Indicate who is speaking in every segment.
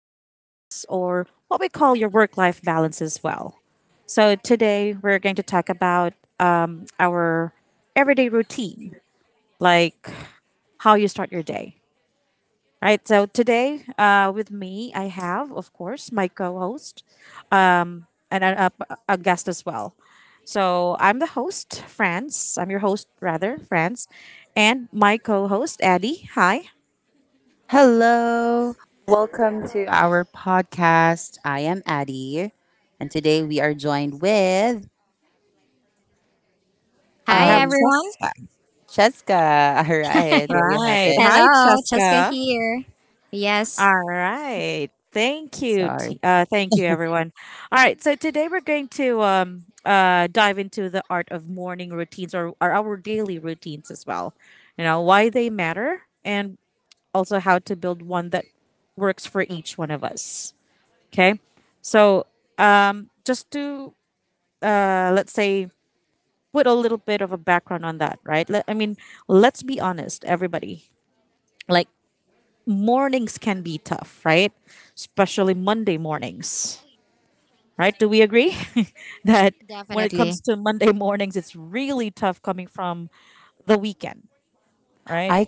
Speaker 1: or what we call your work life balance as well. So, today we're going to talk about um, our everyday routine, like how you start your day. Right. So today, with me, I have, of course, my co-host and a guest as well. So I'm the host, Franz. I'm your host, rather, Franz, and my co-host, Addie. Hi. We
Speaker 2: Hi
Speaker 1: have
Speaker 2: everyone.
Speaker 1: Cheska. Right. Hi,
Speaker 2: Hello, Cheska
Speaker 1: Cheska.
Speaker 2: here. Yes,
Speaker 1: All right. Thank you. Thank you, everyone. All right. So today we're going to dive into the art of morning routines or our daily routines as well. Why they matter and also how to build one that works for each one of us. Okay. So just to, let's say, put a little bit of a background on that, right? I mean, let's be honest, everybody. Like, mornings can be tough, right? Especially Monday mornings, right? Do we agree that when it
Speaker 2: definitely.
Speaker 1: comes to Monday mornings, it's really tough coming from the weekend, right?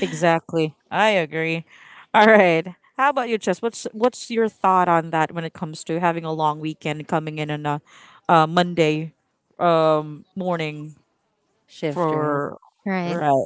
Speaker 1: Exactly. I agree. All right. How about you, Chess? What's your thought on that when it comes to having a long weekend coming in on a Monday morning for
Speaker 2: Right.
Speaker 1: right?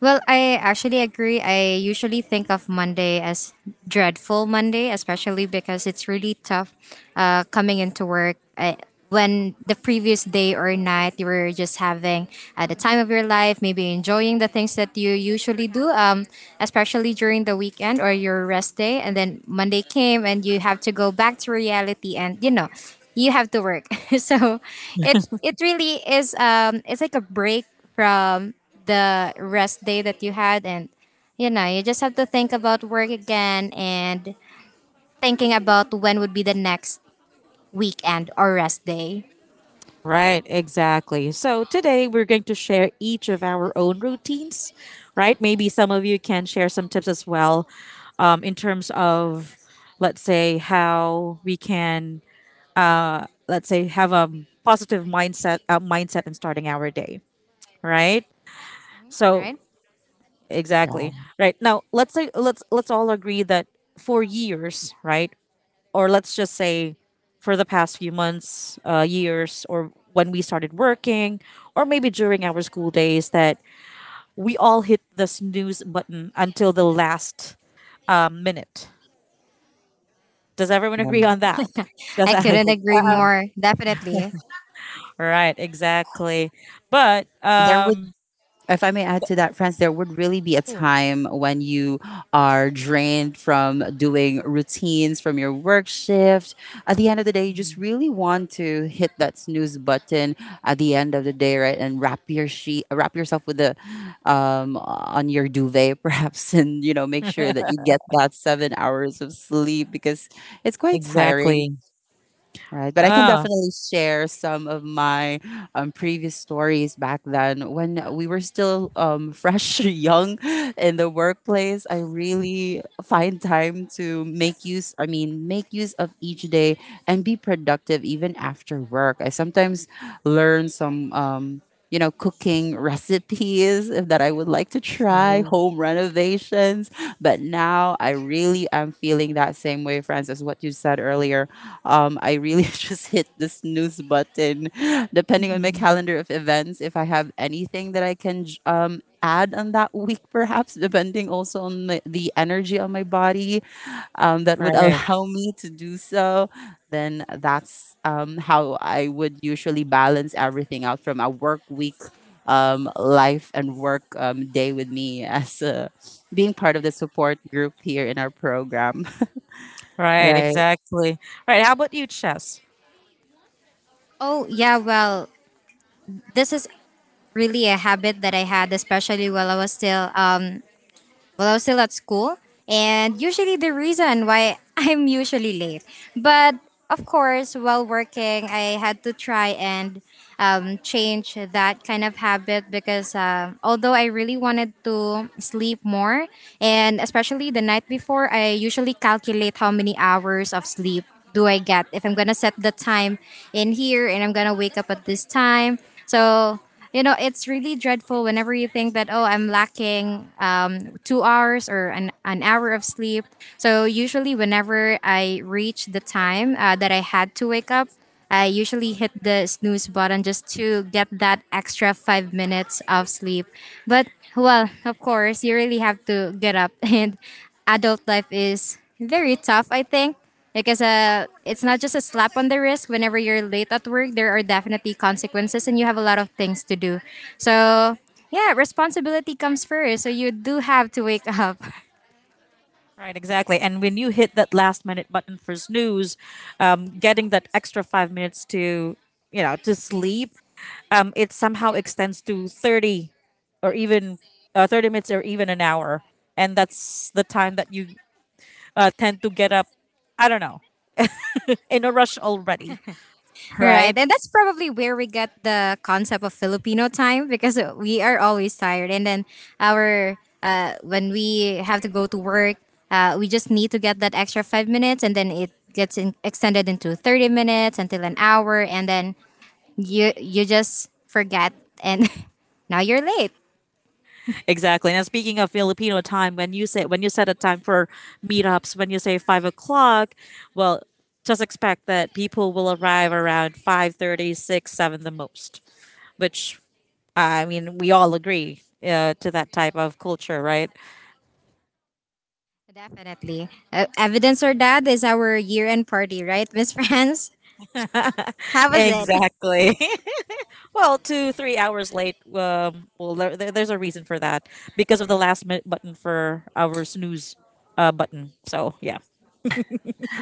Speaker 2: Well, I actually agree. I usually think of Monday as dreadful Monday, especially because it's really tough coming into work. When the previous day or night you were just having at the time of your life, maybe enjoying the things that you usually do, especially during the weekend or your rest day. And then Monday came and you have to go back to reality and, you know, you have to work. So it really is, it's like a break from the rest day that you had, and you know you just have to think about work again and thinking about when would be the next weekend or rest day.
Speaker 1: Right, exactly. So today we're going to share each of our own routines, right? Maybe some of you can share some tips as well in terms of, let's say, how we can, let's say, have a positive mindset in starting our day, right? So
Speaker 2: Right.
Speaker 1: exactly, right now, let's say let's all agree that for years, right, or let's just say for the past few months, years, or when we started working, or maybe during our school days, that we all hit the snooze button until the last minute. Does everyone agree on that? Does
Speaker 2: I
Speaker 1: that,
Speaker 2: couldn't agree more, definitely.
Speaker 1: right? Exactly. But Cool. Exactly. Oh, true. Mhm. Right. Right. Exactly. Right. How about you, Chess?
Speaker 2: Oh yeah, well, this is really a habit that I had, especially while I was still at school. And usually the reason why I'm usually late. But of course, while working, I had to try and change that kind of habit, because although I really wanted to sleep more, and especially the night before, I usually calculate how many hours of sleep do I get if I'm gonna set the time in here and I'm gonna wake up at this time. So you know it's really dreadful whenever you think that, oh, I'm lacking 2 hours or an hour of sleep. So usually, whenever I reach the time that I had to wake up, I usually hit the snooze button just to get that extra 5 minutes of sleep. But well, of course, you really have to get up, and adult life is very tough, I think, because it's not just a slap on the wrist. Whenever you're late at work, there are definitely consequences, and you have a lot of things to do. So yeah, responsibility comes first. So you do have to wake up,
Speaker 1: Right, exactly. And when you hit that last minute button for snooze, getting that extra 5 minutes to sleep, it somehow extends to 30 or even 30 minutes or even an hour. And that's the time that you tend to get up, I don't know, in a rush already,
Speaker 2: right?
Speaker 1: right?
Speaker 2: And that's probably where we get the concept of Filipino time, because we are always tired, and then our when we have to go to work, we just need to get that extra 5 minutes, and then it gets extended into 30 minutes until an hour, and then you just forget, and now you're late.
Speaker 1: Exactly. Now, speaking of Filipino time, when you say when you set a time for meetups, when you say 5 o'clock, well, just expect that people will arrive around 5:30, six, seven the most. Which, I mean, we all agree to that type of culture, right?
Speaker 2: Definitely. Evidence or that is our year-end party, right, Miss France? How was it?
Speaker 1: Exactly. Well, 2, 3 hours late. Well, there's a reason for that because of the last minute button for our snooze button. So yeah.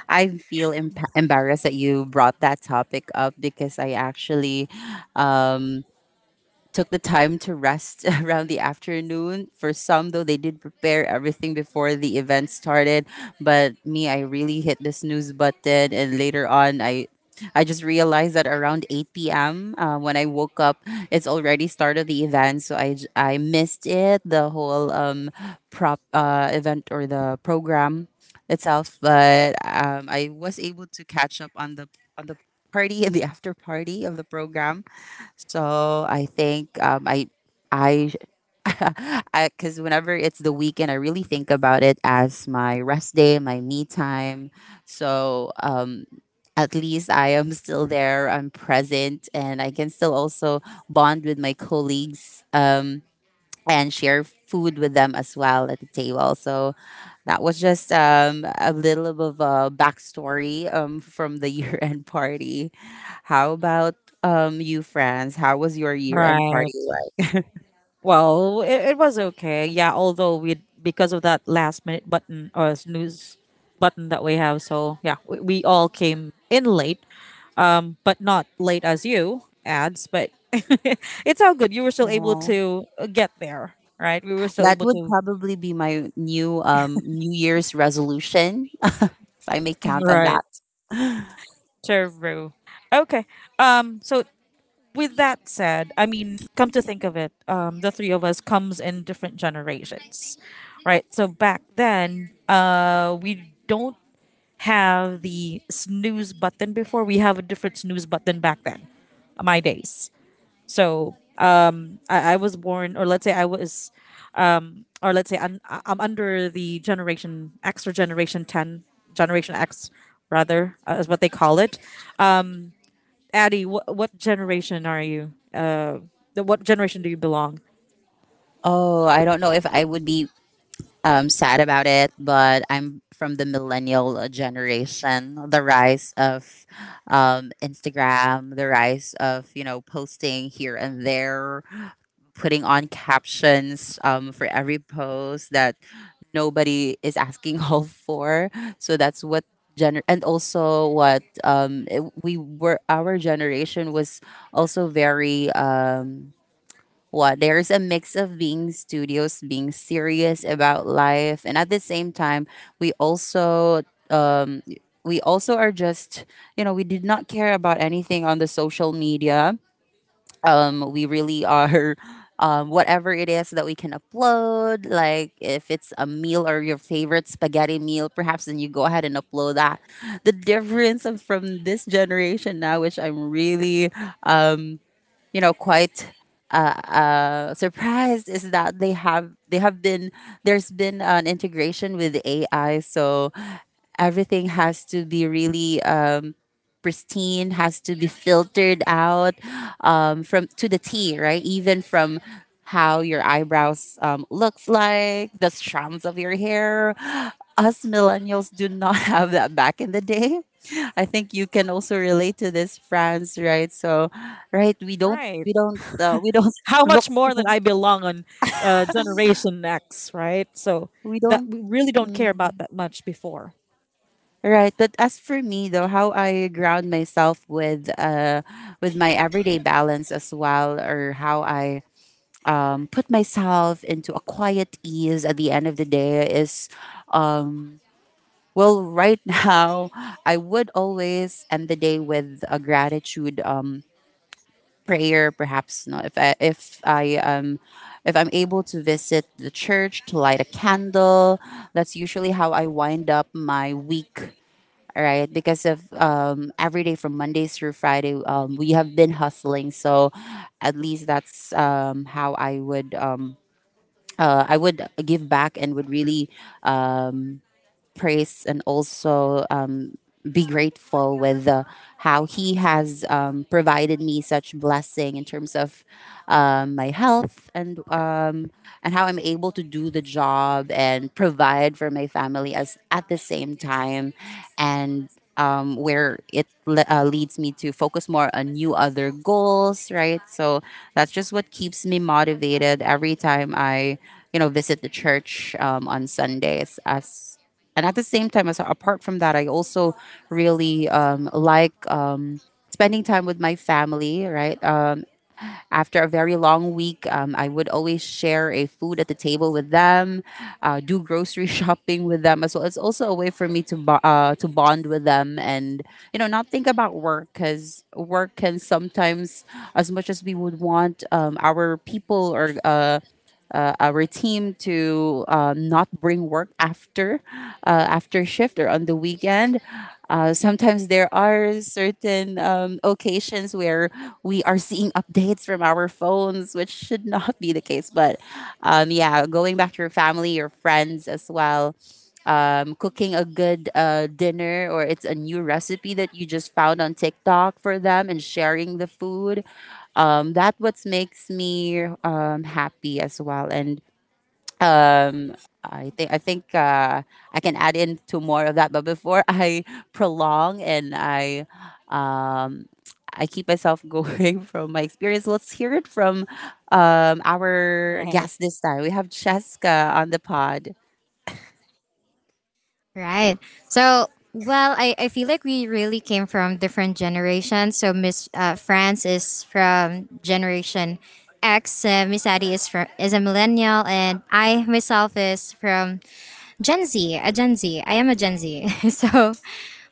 Speaker 3: I feel embarrassed that you brought that topic up because I actually um, took the time to rest around the afternoon. For some, though, they did prepare everything before the event started. But me, I really hit the snooze button, and later on, I just realized that around 8 p.m. When I woke up, it's already started the event, so I missed it the whole prop event or the program itself. But I was able to catch up on the party and the after party of the program, so I think I I because whenever it's the weekend, I really think about it as my rest day, my me time. So at least I am still there. I'm present, and I can still also bond with my colleagues. And share food with them as well at the table. So that was just a little bit of a backstory from the year end party. How about you, friends? How was your year end
Speaker 1: Right.
Speaker 3: party like?
Speaker 1: Well, it was okay. Yeah, although we because of that last minute button or snooze button that we have, so yeah, we all came in late. But not late as you ads, but it's all good. You were still able
Speaker 3: Yeah.
Speaker 1: to get there, right? We were still
Speaker 3: That
Speaker 1: able
Speaker 3: would
Speaker 1: to
Speaker 3: probably be my new New Year's resolution, if I may count on
Speaker 1: right,
Speaker 3: that.
Speaker 1: true. Okay. So with that said, I mean, come to think of it, the three of us comes in different generations, right? So back then, we don't have the snooze button before. We have a different snooze button back then, my days. So I was born, or let's say I was, or let's say I'm under the generation X or generation 10, generation X rather, is what they call it. Um, Addie, what generation are you? What generation do you belong?
Speaker 3: Oh, I don't know if I would be sad about it, but I'm from the millennial generation. The rise of Instagram, the rise of, you know, posting here and there, putting on captions for every post that nobody is asking help for. So that's what gener and also what it- we were our generation was also very what there's a mix of being studios, being serious about life, and at the same time we also um, we also are just, you know, we did not care about anything on the social media. We really are, whatever it is that we can upload, like if it's a meal or your favorite spaghetti meal, perhaps, then you go ahead and upload that. The from this generation now, which I'm really, um you know, quite surprised, is that they have been there's been an integration with AI, so everything has to be really pristine, has to be filtered out from to the T, right? Even from how your eyebrows looks like, the strands of your hair. Us millennials do not have that back in the day. I think you can also relate to this, Franz, right? So, right,
Speaker 1: Right.
Speaker 3: we don't
Speaker 1: How
Speaker 3: look
Speaker 1: much more than
Speaker 3: for
Speaker 1: I belong on Generation X, right? So
Speaker 3: we
Speaker 1: that
Speaker 3: don't
Speaker 1: we really don't
Speaker 3: mm.
Speaker 1: care about that much before.
Speaker 3: Right, but as for me though, how I ground myself with my everyday balance as well, or how I, put myself into a quiet ease at the end of the day is, um right now, I would always end the day with a gratitude prayer, perhaps. No, if I, if I'm able to visit the church to light a candle, that's usually how I wind up my week, all right, because of, every day from Mondays through Friday, we have been hustling. So at least that's how I would, I would give back and would really, um praise and also be grateful with how He has provided me such blessing in terms of my health and how I'm able to do the job and provide for my family as at the same time, and where leads me to focus more on new other goals, right? So that's just what keeps me motivated every time I, you know, visit the church on Sundays as and at the same time as. Apart from that, I also really like spending time with my family, right? After a very long week, I would always share a food at the table with them, do grocery shopping with them as well. It's also a way for me to to bond with them and, you know, not think about work, because work can sometimes, as much as we would want, our people or our team to not bring work after after shift or on the weekend. Sometimes there are certain occasions where we are seeing updates from our phones, which should not be the case. But yeah, going back to your family, your friends as well, cooking a good dinner, or it's a new recipe that you just found on TikTok for them and sharing the food. That what makes me happy as well. And um I think I can add into more of that, but before I prolong and um I keep myself going from my experience, let's hear it from, our
Speaker 1: Right,
Speaker 3: guest. This time we have Cheska on the pod.
Speaker 2: Right. So, well, I feel like we really came from different generations. So, Miss France is from Generation X, Miss Addie is, is a millennial, and I myself is from Gen Z, a Gen Z. I am a Gen Z. So,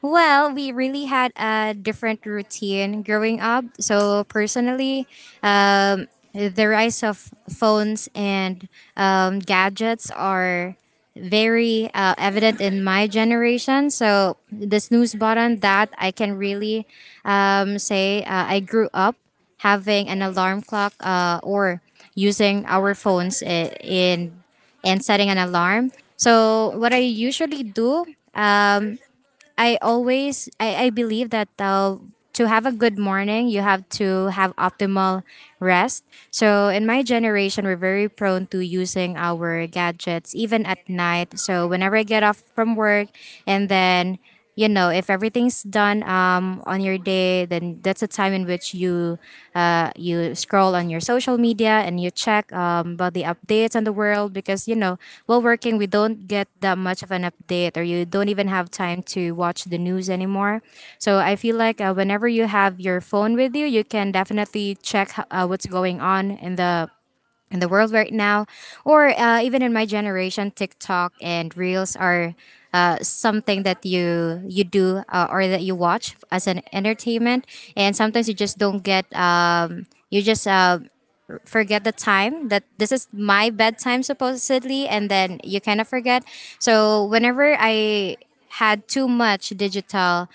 Speaker 2: well, we really had a different routine growing up. So, personally, um, the rise of phones and gadgets are very evident in my generation. So the snooze button that I can really say, I grew up having an alarm clock or using our phones in and setting an alarm. So what I usually do, I believe that to have a good morning, you have to have optimal rest. So in my generation, we're very prone to using our gadgets even at night. So whenever I get off from work, and then, you know, if everything's done on your day, then that's a time in which you scroll on your social media and you check about the updates on the world, because you know while working we don't get that much of an update, or you don't even have time to watch the news anymore. So I feel like whenever you have your phone with you can definitely check what's going on in the world right now, or even in my generation, TikTok and Reels are something that you do, or that you watch as an entertainment. And sometimes you just don't get you just forget the time that this is my bedtime supposedly, and then you kind of forget. So whenever I had too much digital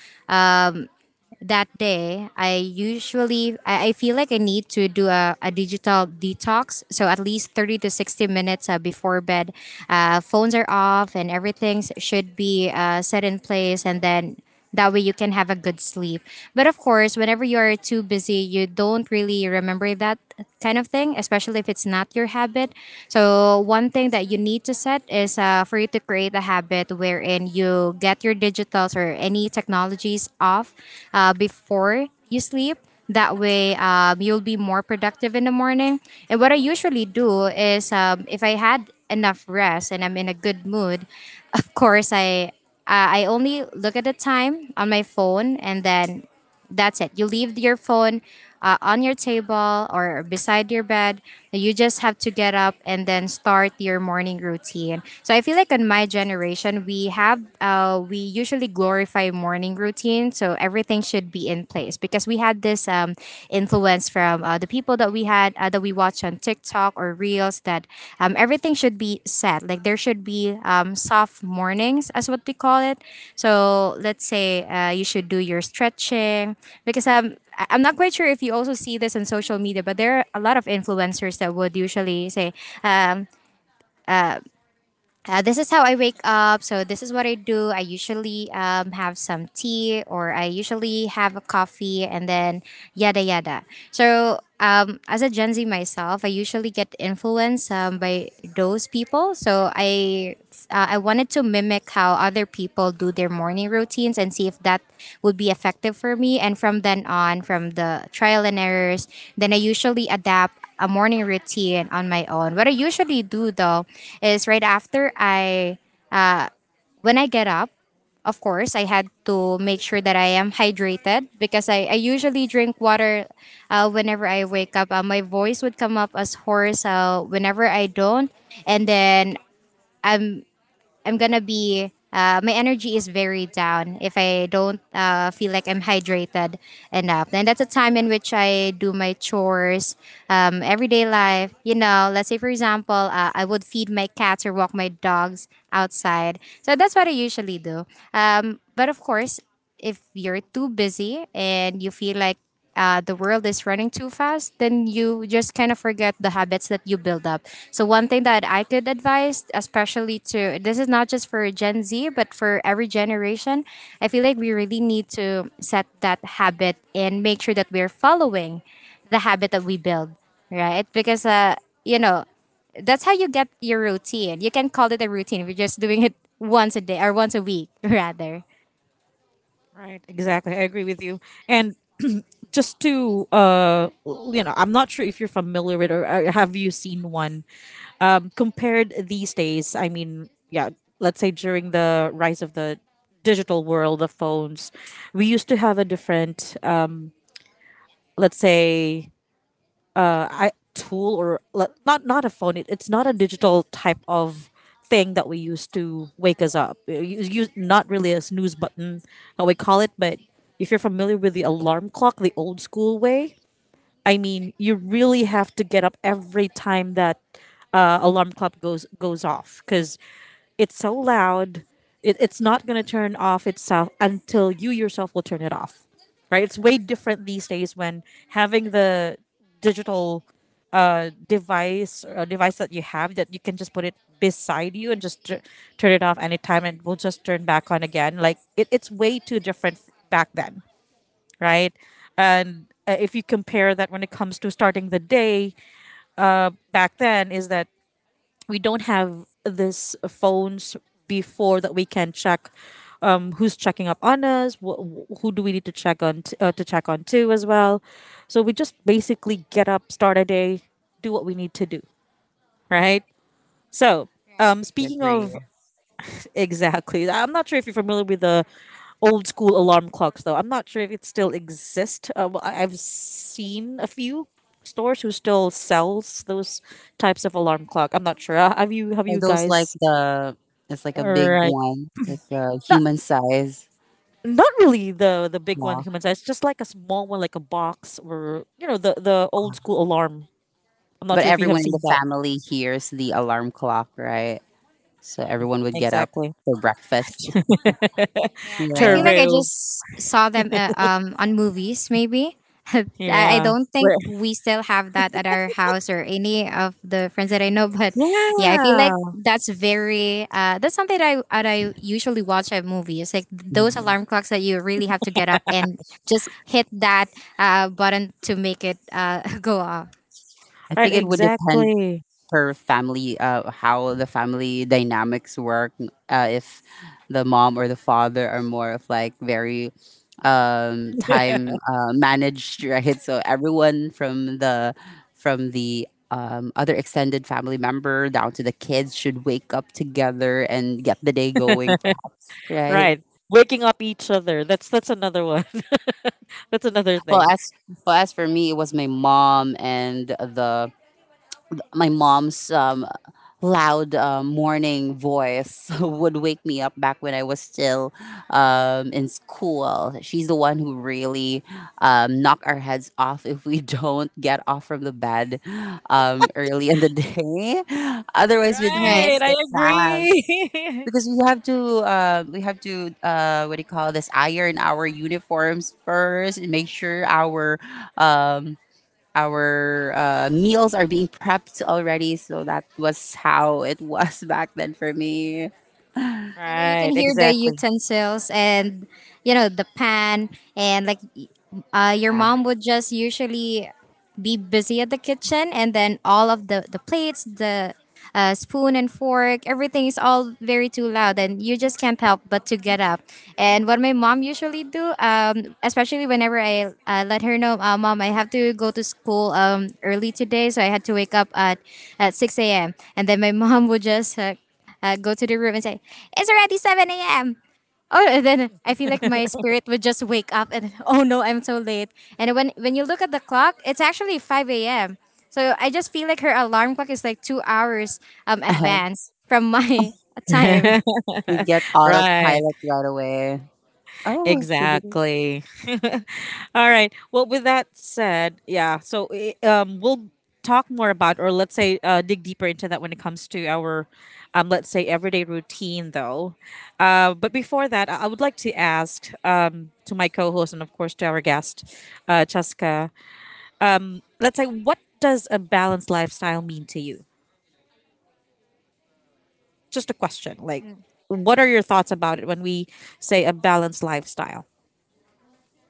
Speaker 2: that day, I feel like I need to do a digital detox. So at least 30 to 60 minutes before bed, phones are off and everything should be set in place, and then that way you can have a good sleep. But of course, whenever you are too busy, you don't really remember that kind of thing, especially if it's not your habit. So one thing something that you need to set is for you to create a habit wherein you get your digitals or any technologies off before you sleep. That way, you'll be more productive in the morning. And what I usually do is, if I had enough rest and I'm in a good mood, of course, I only look at the time on my phone, and then that's it. You leave your phone on your table or beside your bed. You just have to get up and then start your morning routine. So I feel like in my generation, we usually glorify morning routine. So everything should be in place because we had this influence from the people that we had, that we watch on TikTok or Reels, that everything should be set. Like there should be soft mornings, as what we call it. So let's say, you should do your stretching, because I'm not quite sure if you also see this on social media, but there are a lot of influencers that would usually say, um, this is how I wake up. So this is what I do. I usually have some tea, or I usually have a coffee, and then yada yada. So as a Gen Z myself, I usually get influenced by those people. So I wanted to mimic how other people do their morning routines and see if that would be effective for me. And from then on, from the trial and errors, then I usually adapt a morning routine on my own. What I usually do, though, is right after when I get up, of course, I had to make sure that I am hydrated because I usually drink water whenever I wake up. My voice would come up as hoarse whenever I don't. And then I'm gonna be my energy is very down if I don't feel like I'm hydrated enough. And that's a time in which I do my chores, everyday life. You know, let's say for example, I would feed my cats or walk my dogs outside. So that's what I usually do. But of course, if you're too busy and you feel like the world is running too fast, then you just kind of forget the habits that you build up. So, one thing that I could advise, especially to this is not just for Gen Z, but for every generation, I feel like we really need to set that habit and make sure that we're following the habit that we build, right? Because, you know, that's how you get your routine. You can call it a routine if you're just doing it once a day or once a week, rather.
Speaker 1: right, exactly. I agree with you. And just to, I'm not sure if you're familiar with or have you seen one compared these days. I mean, yeah, let's say during the rise of the digital world, the phones, we used to have a different, let's say, tool or not a phone. It's not a digital type of thing that we use to wake us up. Not really a snooze button, how we call it, but if you're familiar with the alarm clock, the old school way, I mean, you really have to get up every time that alarm clock goes off because it's so loud. It's not going to turn off itself until you yourself will turn it off, right? It's way different these days when having the digital device or a device that you have that you can just put it beside you and just turn it off anytime and it will just turn back on again. Like it's way too different back then, right? And if you compare that when it comes to starting the day back then, is that we don't have this phones before that we can check who's checking up on us, who do we need to check on to check on to as well. So we just basically get up, start a day, do what we need to do, right? So
Speaker 2: Right?
Speaker 3: I
Speaker 1: speaking
Speaker 3: agree.
Speaker 1: of Exactly. I'm not sure if you're familiar with the old school alarm clocks, though. I'm not sure if it still exists. Well, I've seen a few stores who still sells those types of alarm clock. I'm not sure. Have you have
Speaker 3: Are
Speaker 1: you
Speaker 3: those like
Speaker 1: guys?
Speaker 3: the, it's like
Speaker 1: All
Speaker 3: a big
Speaker 1: right.
Speaker 3: one, like a
Speaker 1: Not
Speaker 3: human size
Speaker 1: not really the big one
Speaker 3: clock?
Speaker 1: human size. Just like a small one, like a box or the old school alarm. I'm not
Speaker 3: But
Speaker 1: sure if you have
Speaker 3: everyone in the
Speaker 1: seen that
Speaker 3: family hears the alarm clock, right? So everyone would get up
Speaker 1: exactly.
Speaker 3: for breakfast.
Speaker 2: Yeah, I
Speaker 3: Yeah.
Speaker 2: feel like I
Speaker 1: True.
Speaker 2: just saw them on movies maybe. I I
Speaker 1: Yeah.
Speaker 2: don't think
Speaker 1: Where?
Speaker 2: we still have that at our house or any of the friends that I know, but yeah, I feel like
Speaker 1: Yeah.
Speaker 2: that's something that I usually watch at movies. Like those
Speaker 3: Mm.
Speaker 2: alarm clocks that you really have to get up and just hit that button to make it go off.
Speaker 3: I
Speaker 1: Right.
Speaker 3: think it would depend
Speaker 1: Exactly.
Speaker 3: per family, how the family dynamics work. If the mom or the father are more of like very time managed, right? So everyone from the other extended family member down to the kids should wake up together and get the day going, perhaps, right?
Speaker 1: Right. Waking up each other. That's another one. That's another
Speaker 3: Well,
Speaker 1: thing.
Speaker 3: as well as for me, it was my mom's loud morning voice would wake me up back when I was still in school. She's the one who really knock our heads off if we don't get off from the bed early in the day. Otherwise, we'd
Speaker 2: Right.
Speaker 1: Right.
Speaker 3: miss
Speaker 1: I
Speaker 3: the class.
Speaker 1: agree.
Speaker 3: Because we have to, what do you call this? Iron our uniforms first and make sure our, um, our meals are being prepped already, so that was how it was back then for me.
Speaker 2: And then you can
Speaker 1: Right.
Speaker 2: hear the
Speaker 1: Exactly.
Speaker 2: utensils and, you know, the pan, and like your
Speaker 3: Yeah.
Speaker 2: mom would just usually be busy at the kitchen, and then all of the plates, the spoon and fork, everything is all very too loud, and you just can't help but to get up. And what my mom usually do, especially whenever I let her know, Mom, I have to go to school early today, so I had to wake up at 6 a.m. And then my mom would just go to the room and say, it's already 7 a.m. Oh, and then I feel like my spirit would just wake up, and oh no, I'm so late. And when you look at the clock, it's actually 5 a.m. So I just feel like her alarm clock is like 2 hours advanced from my time.
Speaker 3: You get
Speaker 1: Right.
Speaker 3: autopilot right away. Oh, should did, this.
Speaker 1: Exactly. All right. Well, with that said, yeah. So we'll talk more about, or let's say, dig deeper into that when it comes to our, let's say, everyday routine, though. But before that, I would like to ask to my co-host and of course to our guest, Cheska. Let's say, what does a balanced lifestyle mean to you? Just a question. Like, what are your thoughts about it when we say a balanced lifestyle?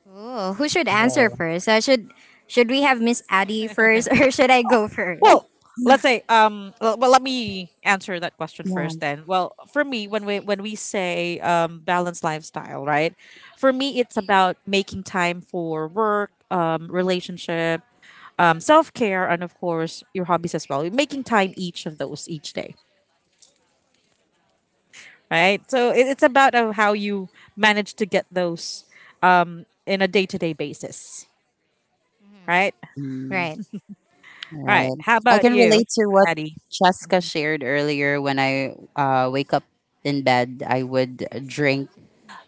Speaker 2: Oh, who should answer first? Should we have Miss Addie first, or should I go first?
Speaker 1: Well, let me answer that question first. Then, well, for me, when we say balanced lifestyle, right? For me, it's about making time for work, relationship, self care, and of course, your hobbies as well. Making time each of those each day, right? So it's about of how you manage to get those in a day to day basis, right?
Speaker 3: Yeah.
Speaker 2: Right.
Speaker 1: Right.
Speaker 3: Right.
Speaker 1: How
Speaker 3: I
Speaker 1: about
Speaker 3: can
Speaker 1: you,
Speaker 3: relate to what
Speaker 1: Addie?
Speaker 3: Cheska shared earlier. When I wake up in bed, I would drink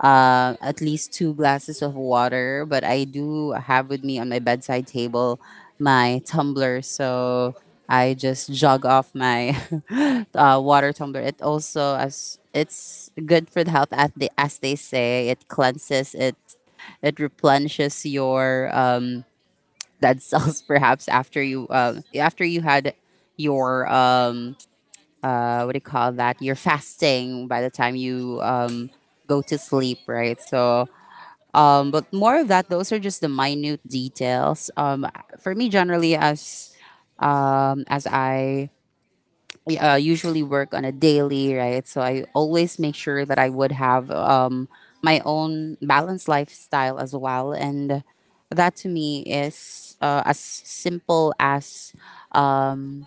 Speaker 3: at least 2 glasses of water, but I do have with me on my bedside table my tumbler. So I just jog off my water tumbler. It also as it's good for the health as as they say. It cleanses it. It replenishes your that sells perhaps after you had your what do you call that, your fasting by the time you go to sleep, right? So but more of that, those are just the minute details for me, generally, as I usually work on a daily, right? So I always make sure that I would have my own balanced lifestyle as well. And that to me is as simple as um,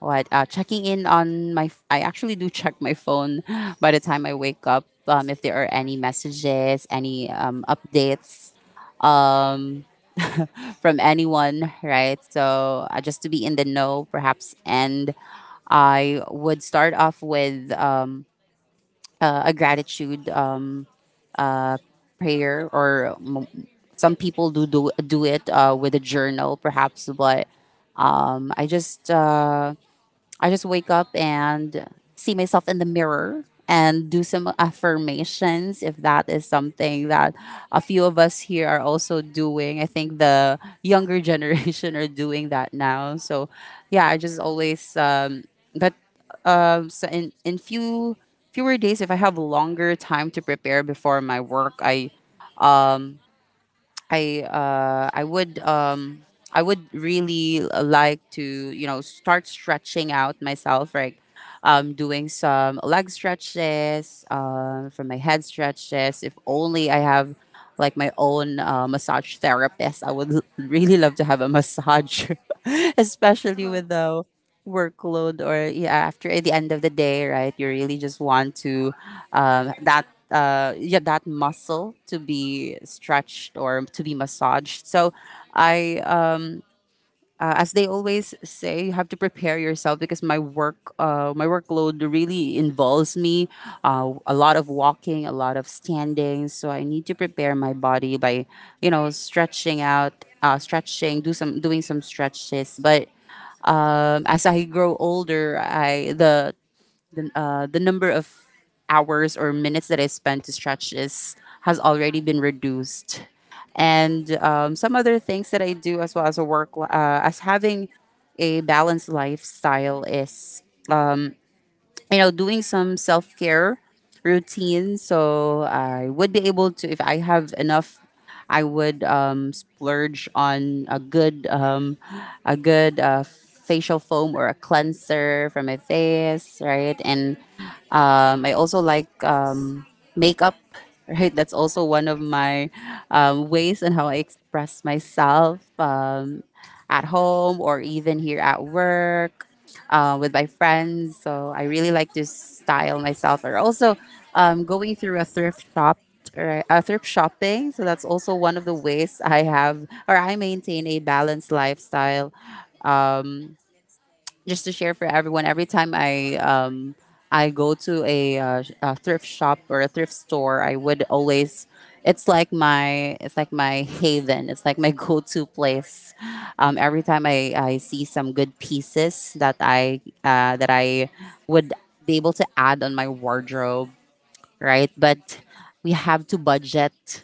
Speaker 3: what checking in on my. I actually do check my phone by the time I wake up if there are any messages, any updates. Um, from anyone, right? So just to be in the know, perhaps. And I would start off with a gratitude uh, prayer, or some people do it with a journal, perhaps. But I just. I just wake up and see myself in the mirror and do some affirmations if that is something that a few of us here are also doing. I think the younger generation are doing that now. So, yeah, I just always but so in fewer days if I have longer time to prepare before my work, um, I would I would really like to, you know, start stretching out myself, like doing some leg stretches, for my head stretches, if only I have like my own massage therapist. I would really love to have a massage especially
Speaker 2: Oh,
Speaker 3: with the workload, or yeah, after at the end of the day, right, you really just want to that yeah, that muscle to be stretched or to be massaged. So I, as they always say, you have to prepare yourself because my workload really involves me a lot of walking, a lot of standing. So I need to prepare my body by, you know, stretching out, stretching, do some doing some stretches, but as I grow older, the number of hours or minutes that I spent to stretch is has already been reduced. And some other things that I do as well as a work, as having a balanced lifestyle is doing some self-care routine, so I would be able to, if I have enough, I would splurge on a good facial foam or a cleanser for my face, right? And I also like makeup right, that's also one of my ways and how I express myself, at home or even here at work with my friends. So I really like to style myself. Or also going through a thrift shop or a thrift shopping. So that's also one of the ways I have or I maintain a balanced lifestyle. Um, just to share for everyone, every time I go to a, a thrift shop or a thrift store, I would always, it's like my haven. It's like my go-to place. Every time I see some good pieces that I would be able to add on my wardrobe, right? But we have to budget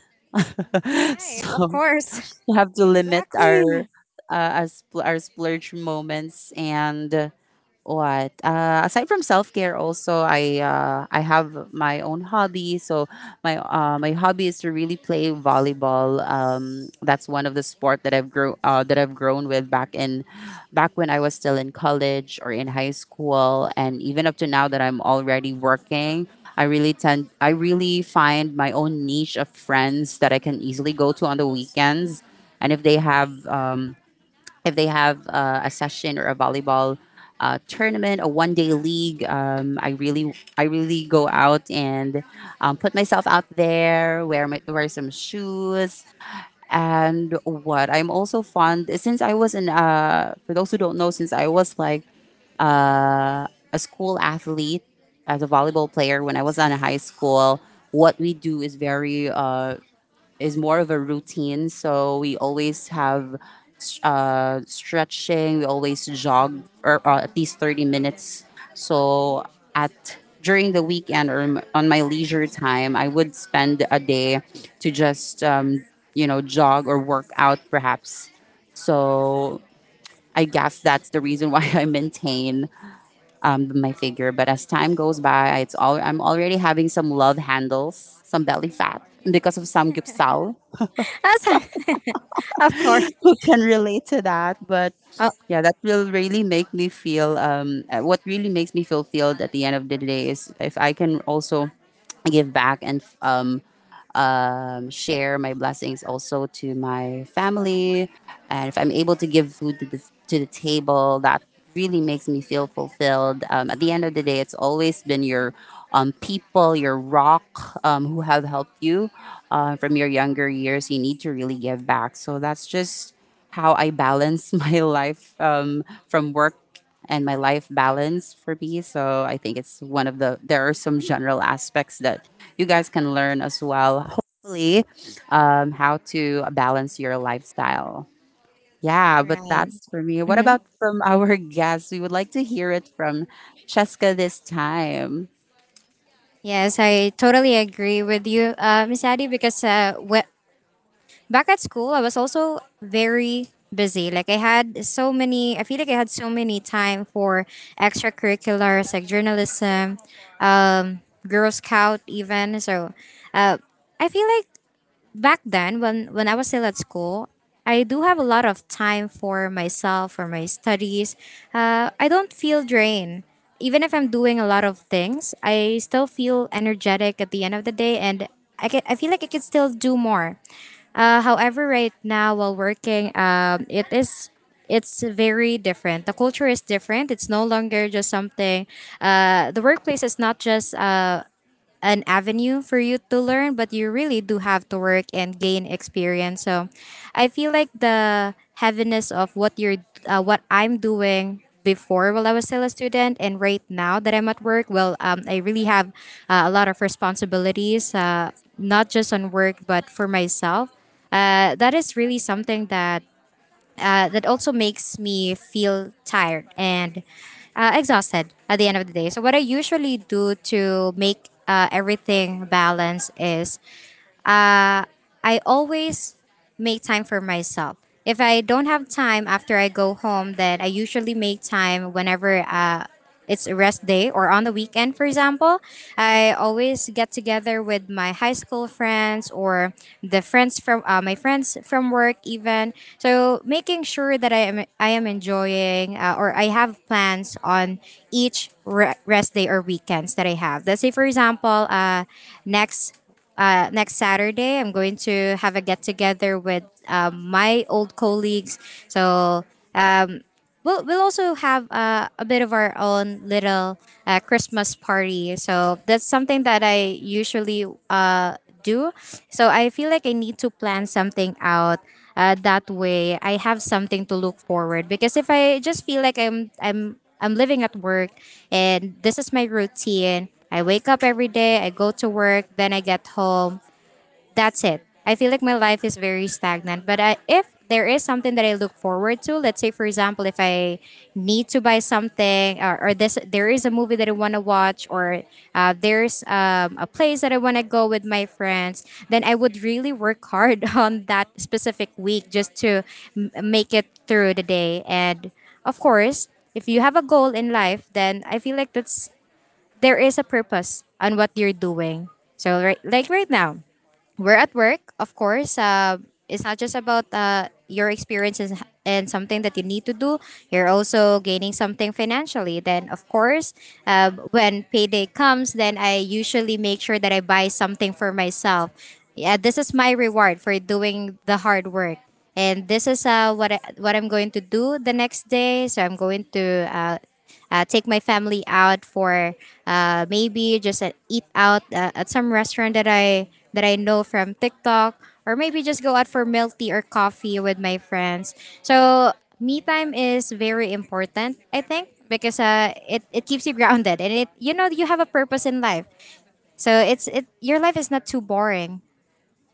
Speaker 2: right. Of
Speaker 3: so
Speaker 2: course.
Speaker 3: we have to limit
Speaker 1: Exactly.
Speaker 3: our our splurge moments. And what aside from self-care, also I have my own hobby. So my hobby is to really play volleyball. Um, that's one of the sport that I've grown with back when I was still in college or in high school, and even up to now that I'm already working, I really find my own niche of friends that I can easily go to on the weekends. And if they have a session or a volleyball tournament, a 1 day league, I really go out and, put myself out there, wear wear some shoes. And what I'm also fond, since I was in, for those who don't know, since I was like uh, a school athlete, as a volleyball player when I was in high school. What we do is very is more of a routine. So we always have stretching. We always jog or at least 30 minutes. So at, during the weekend, or on my leisure time, I would spend a day to just, jog or work out perhaps. So I guess that's the reason why I maintain my figure. But as time goes by, it's all, I'm already having some love handles, some belly fat because of some samgyeopsal.
Speaker 2: That's- of course.
Speaker 3: Who can relate to that? But
Speaker 2: Oh,
Speaker 3: yeah, that will really make me feel. What really makes me feel filled at the end of the day is if I can also give back and, share my blessings also to my family. And if I'm able to give food to to the table, that really makes me feel fulfilled. At the end of the day, it's always been your people, your rock, who have helped you from your younger years. You need to really give back. So that's just how I balance my life from work. And my life balance for me, so I think it's one of the, there are some general aspects that you guys can learn as well. Hopefully, how to balance your lifestyle. Yeah, but
Speaker 2: right.
Speaker 3: that's for me. What
Speaker 2: hmm
Speaker 3: about from our guests? We would like to hear it from Cheska this time.
Speaker 2: Yes, I totally agree with you, Miss Addie, because back at school, I was also very busy. Like I had so many, I feel like I had so many time for extracurriculars like journalism, um, Girl Scout even. So uh, I feel like back then when I was still at school, I do have a lot of time for myself for my studies. I don't feel drained. Even if I'm doing a lot of things, I still feel energetic at the end of the day, and I feel like I can still do more. However, right now while working, it's very different. The culture is different. It's no longer just something. The workplace is not just. An avenue for you to learn, but you really do have to work and gain experience. So I feel like the heaviness of what I'm doing before while I was still a student and right now that I'm at work, well, I really have a lot of responsibilities, not just on work, but for myself. That is really something that that also makes me feel tired and exhausted at the end of the day. So, what I usually do to make everything balance is I always make time for myself. If I don't have time after I go home, then I usually make time whenever it's a rest day or on the weekend, for example, I always get together with my high school friends or the friends from my friends from work, even. So making sure that I am enjoying or I have plans on each rest day or weekends that I have. Let's say, for example, next next Saturday, I'm going to have a get together with my old colleagues. So we'll also have a bit of our own little Christmas party. So that's something that I usually do. So I feel like I need to plan something out. That way, I have something to look forward. Because if I just feel like I'm living at work, and this is my routine. I wake up every day. I go to work. Then I get home that's it. I feel like my life is very stagnant. If there is something that I look forward to, let's say for example, if I need to buy something, or this there is a movie that I want to watch, or there's a place that I want to go with my friends, then I would really work hard on that specific week just to make it through the day. And of course, if you have a goal in life, then I feel like that's there is a purpose on what you're doing. So right, like right now, we're at work, of course. It's not just about your experiences and something that you need to do. You're also gaining something financially. Then, of course, when payday comes, then I usually make sure that I buy something for myself. Yeah, this is my reward for doing the hard work. And this is what I'm going to do the next day. So I'm going to take my family out for maybe just an eat out at some restaurant that I know from TikTok, or maybe just go out for milk tea or coffee with my friends. So me time is very important, I think, because it keeps you grounded and it you know you have a purpose in life. So it's it your life is not too boring.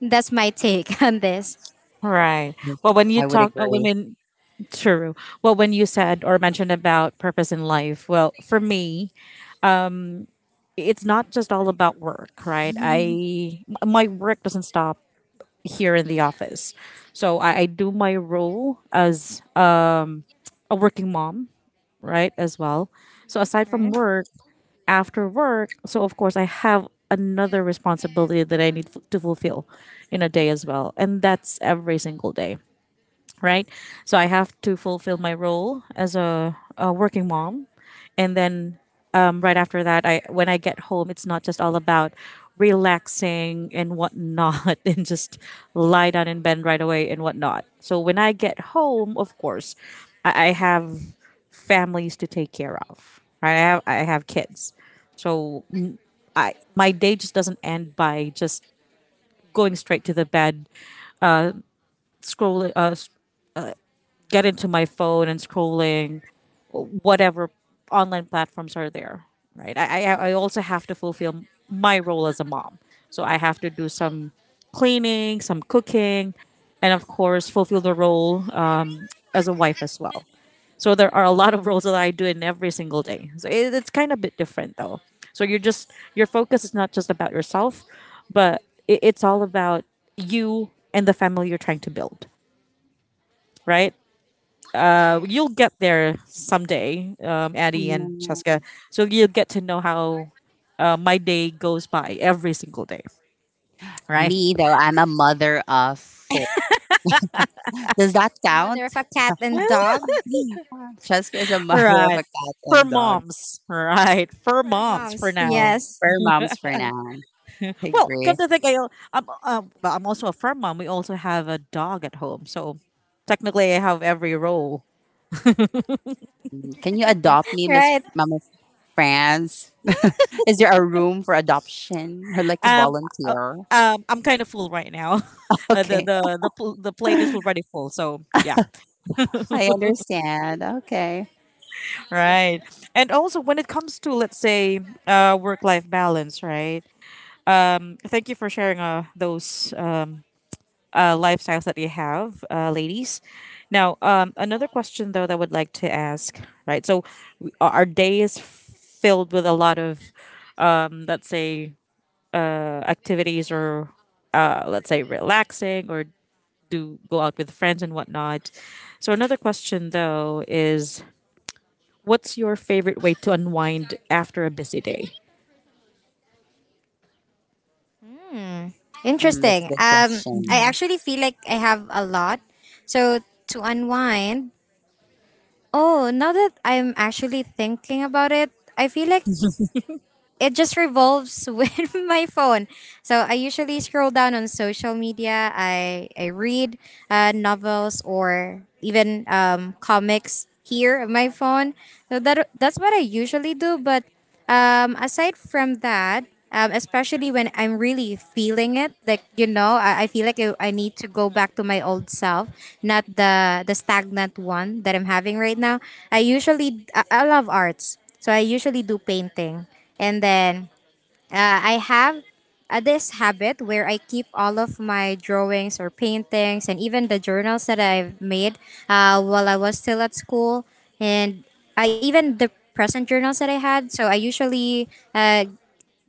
Speaker 2: That's my take on this.
Speaker 1: Right.
Speaker 3: Yes,
Speaker 1: Well, when
Speaker 3: I
Speaker 1: you
Speaker 3: would
Speaker 1: talk,
Speaker 3: agree.
Speaker 1: women, true. Well, when you said or mentioned about purpose in life, well, for me, it's not just all about work, right? My work doesn't stop here in the office, so I do my role as a working mom, right? As well. So aside from
Speaker 2: Right,
Speaker 1: work, after work, so of course I have another responsibility that I need to fulfill in a day as well, and that's every single day, right? So I have to fulfill my role as a working mom, and then right after that, I when I get home, it's not just all about relaxing and whatnot, and just lie down in bed right away and whatnot. So when I get home, of course, I have families to take care of. Right? I have kids, so n- I my day just doesn't end by just going straight to the bed, scrolling, get into my phone and scrolling whatever online platforms are there. Right? I also have to fulfill my role as a mom, so I have to do some cleaning, some cooking, and of course fulfill the role as a wife as well. So there are a lot of roles that I do in every single day. So it's kind of a bit different though. So you're just your focus is not just about yourself, but it's all about you and the family you're trying to build, right?
Speaker 2: right.
Speaker 1: You'll get there someday, Addie and Cheska.
Speaker 3: Mm.
Speaker 1: So you'll get to know how my day goes by every single day, right?
Speaker 3: Me though, I'm a mother of four. Does that count?
Speaker 2: Mother of a cat and dog
Speaker 3: Cheska is a mother of
Speaker 1: Right.
Speaker 3: a cat
Speaker 1: For
Speaker 3: and dog.
Speaker 1: moms, right? For
Speaker 2: for
Speaker 1: moms, for
Speaker 2: moms.
Speaker 1: now.
Speaker 2: Yes,
Speaker 3: We're moms for now. I
Speaker 1: Well,
Speaker 3: agree.
Speaker 1: come to think, I, al- I'm well, I'm also a firm mom. We also have a dog at home, so technically I have every role.
Speaker 3: Can you adopt me, Miss
Speaker 2: right.
Speaker 3: Mama France? Is there a room for adoption? I'd like to
Speaker 1: Um, uh,
Speaker 3: volunteer.
Speaker 1: I'm kind of full right now. Uh, the
Speaker 3: Okay,
Speaker 1: the the pl- the plate is already full, so yeah,
Speaker 3: I understand. Okay.
Speaker 1: right. And also, when it comes to, let's say, work life balance, right? Thank you for sharing those lifestyles that you have, ladies. Now, another question though that I would like to ask, right? So, our day is filled with a lot of um, let's say, uh, activities, or, let's say, relaxing or do go out with friends and whatnot. So, another question though is, what's your favorite way to unwind after a busy day?
Speaker 3: Mm, that's
Speaker 2: Interesting.
Speaker 3: a good question.
Speaker 2: I actually feel like I have a lot. So to unwind, oh, now that I'm actually thinking about it, I feel like it just revolves with my phone. So I usually scroll down on social media. I read novels or even comics here on my phone. So that's what I usually do. But aside from that, especially when I'm really feeling it, like you know, I feel like I need to go back to my old self, not the stagnant one that I'm having right now. I love arts, so I usually do painting. And then I have this habit where I keep all of my drawings or paintings and even the journals that I've made while I was still at school and even the present journals that I had. So I usually uh,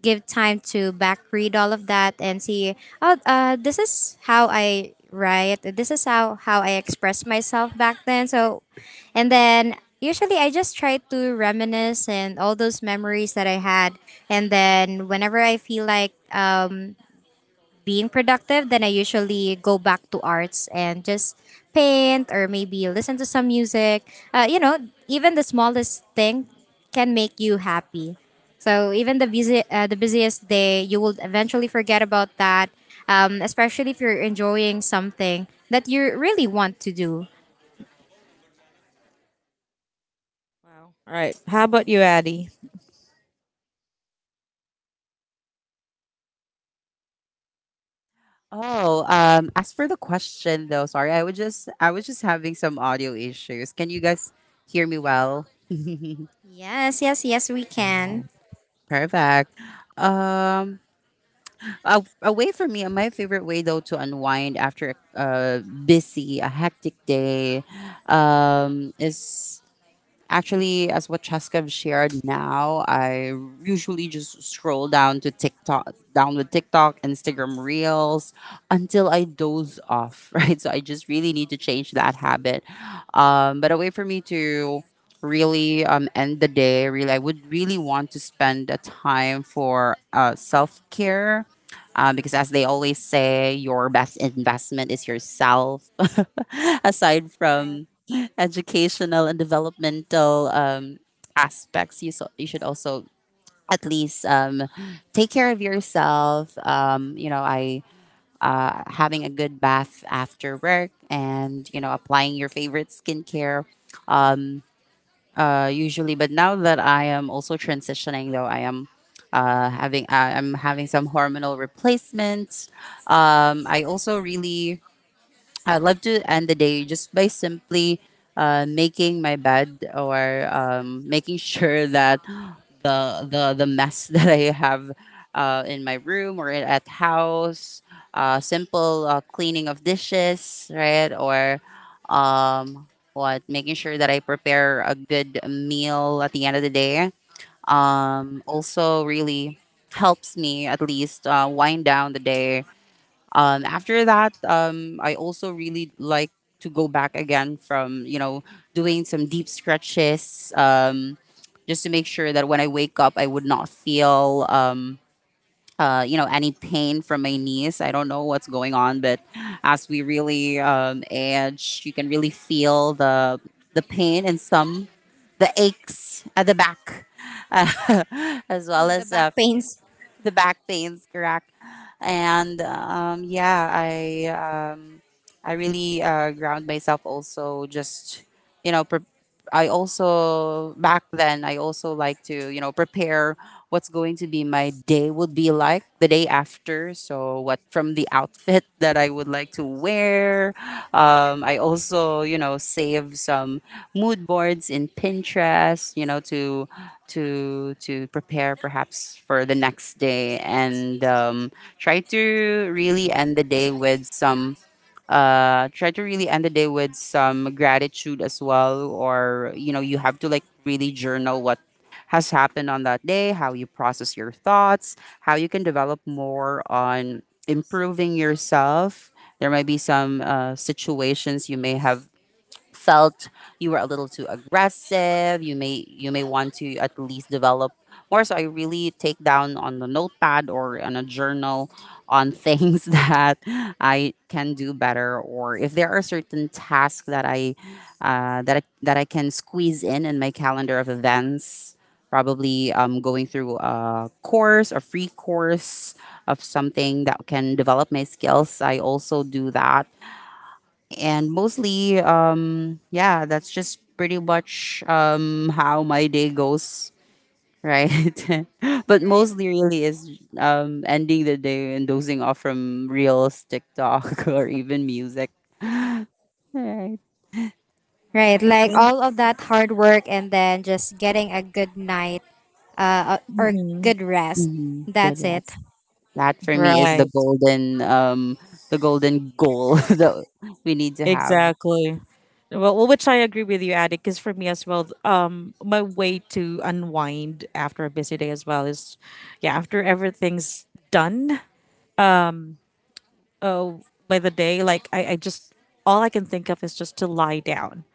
Speaker 2: give time to back read all of that and see oh, this is how I write, this is how I express myself back then. So and then usually I just try to reminisce and all those memories that I had, and then whenever I feel like being productive, then I usually go back to arts and just paint or maybe listen to some music. You know, even the smallest thing can make you happy. So even the busiest day, you will eventually forget about that. Especially if you're enjoying something that you really want to do.
Speaker 1: Wow. All right. How about you, Addie?
Speaker 3: Oh, as for the question though, sorry, I was just having some audio issues. Can you guys hear me well?
Speaker 2: Yes, yes, yes, we can.
Speaker 3: Perfect. Um, a way for me, my favorite way though, to unwind after a busy, a hectic day, is, actually, as what Cheska shared now, I usually just scroll down to TikTok, down with TikTok, Instagram Reels, until I doze off, right? So I just really need to change that habit. But a way for me to really end the day, really, I would really want to spend a time for self care, because as they always say, your best investment is yourself. Aside
Speaker 2: Right.
Speaker 3: from educational and developmental aspects, you, so, you should also at least take care of yourself. You know, I having a good bath after work, and, you know, applying your favorite skincare. Um, Usually. But now that I am also transitioning, though, I am I'm having some hormonal replacements. I also really, I love to end the day just by simply making my bed, or making sure that the mess that I have in my room, or at house, simple cleaning of dishes, right? Or um, what making sure that I prepare a good meal at the end of the day. Also, really helps me at least wind down the day. After that, I also really like to go back again from, doing some deep stretches, just to make sure that when I wake up, I would not feel you know, any pain from my knees. I don't know what's going on, but as we really age, you can really feel the pain, and some, the aches at the back, uh, as well
Speaker 2: Mm, the
Speaker 3: as
Speaker 2: back pains.
Speaker 3: the back pains, correct? And yeah, I really ground myself also, just, you know pre- I also, back then, I also like to, prepare what's going to be my day, would be like the day after. So what, from the outfit that I would like to wear. I also, you know, save some mood boards in Pinterest. You know, to, prepare perhaps for the next day. And try to really end the day with some try to really end the day with some gratitude as well. Or, you know, you have to like really journal what has happened on that day, how you process your thoughts, how you can develop more on improving yourself. There might be some situations you may have felt you were a little too aggressive. You may you may want to at least develop more. So I really take down on the notepad or on a journal on things that I can do better, or if there are certain tasks that I can squeeze in my calendar of events, probably going through a free course of something that can develop my skills. I also do that. And mostly, um, yeah, that's just pretty much how my day goes, right? But
Speaker 2: Right.
Speaker 3: mostly really is, um, ending the day and dozing off from Reels, TikTok, or even music, right?
Speaker 2: Right.
Speaker 1: Right.
Speaker 2: Like
Speaker 1: Thank-
Speaker 2: all of that hard work and then just getting a good night or good rest.
Speaker 3: Hmm, good
Speaker 2: That's it.
Speaker 3: rest. That for me is
Speaker 1: Right.
Speaker 3: the golden goal that we need to have.
Speaker 1: Exactly. Well, which I agree with you, Addict, because for me as well, my way to unwind after a busy day as well is, yeah, after everything's done, uh, by the day, like I just, all I can think of is just to lie down,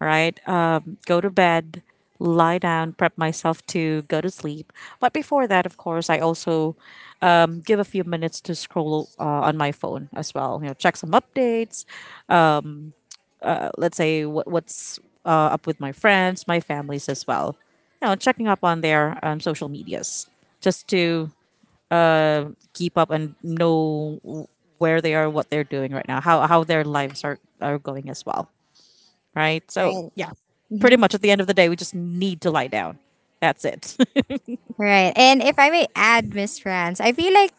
Speaker 1: right? Go to bed, lie down, prep myself to go to sleep. But before that, of course, I also give a few minutes to scroll on my phone as well. You know, check some updates, let's say what, what's up with my friends, my families as well. You know, checking up on their social medias just to keep up and know where they are, what they're doing right now, how their lives are going as well. Right. So
Speaker 2: Right.
Speaker 1: yeah, pretty
Speaker 2: Hmm.
Speaker 1: much at the end of the day, we just need to lie down. That's it.
Speaker 2: Right. And if I may add, Miss France, I feel like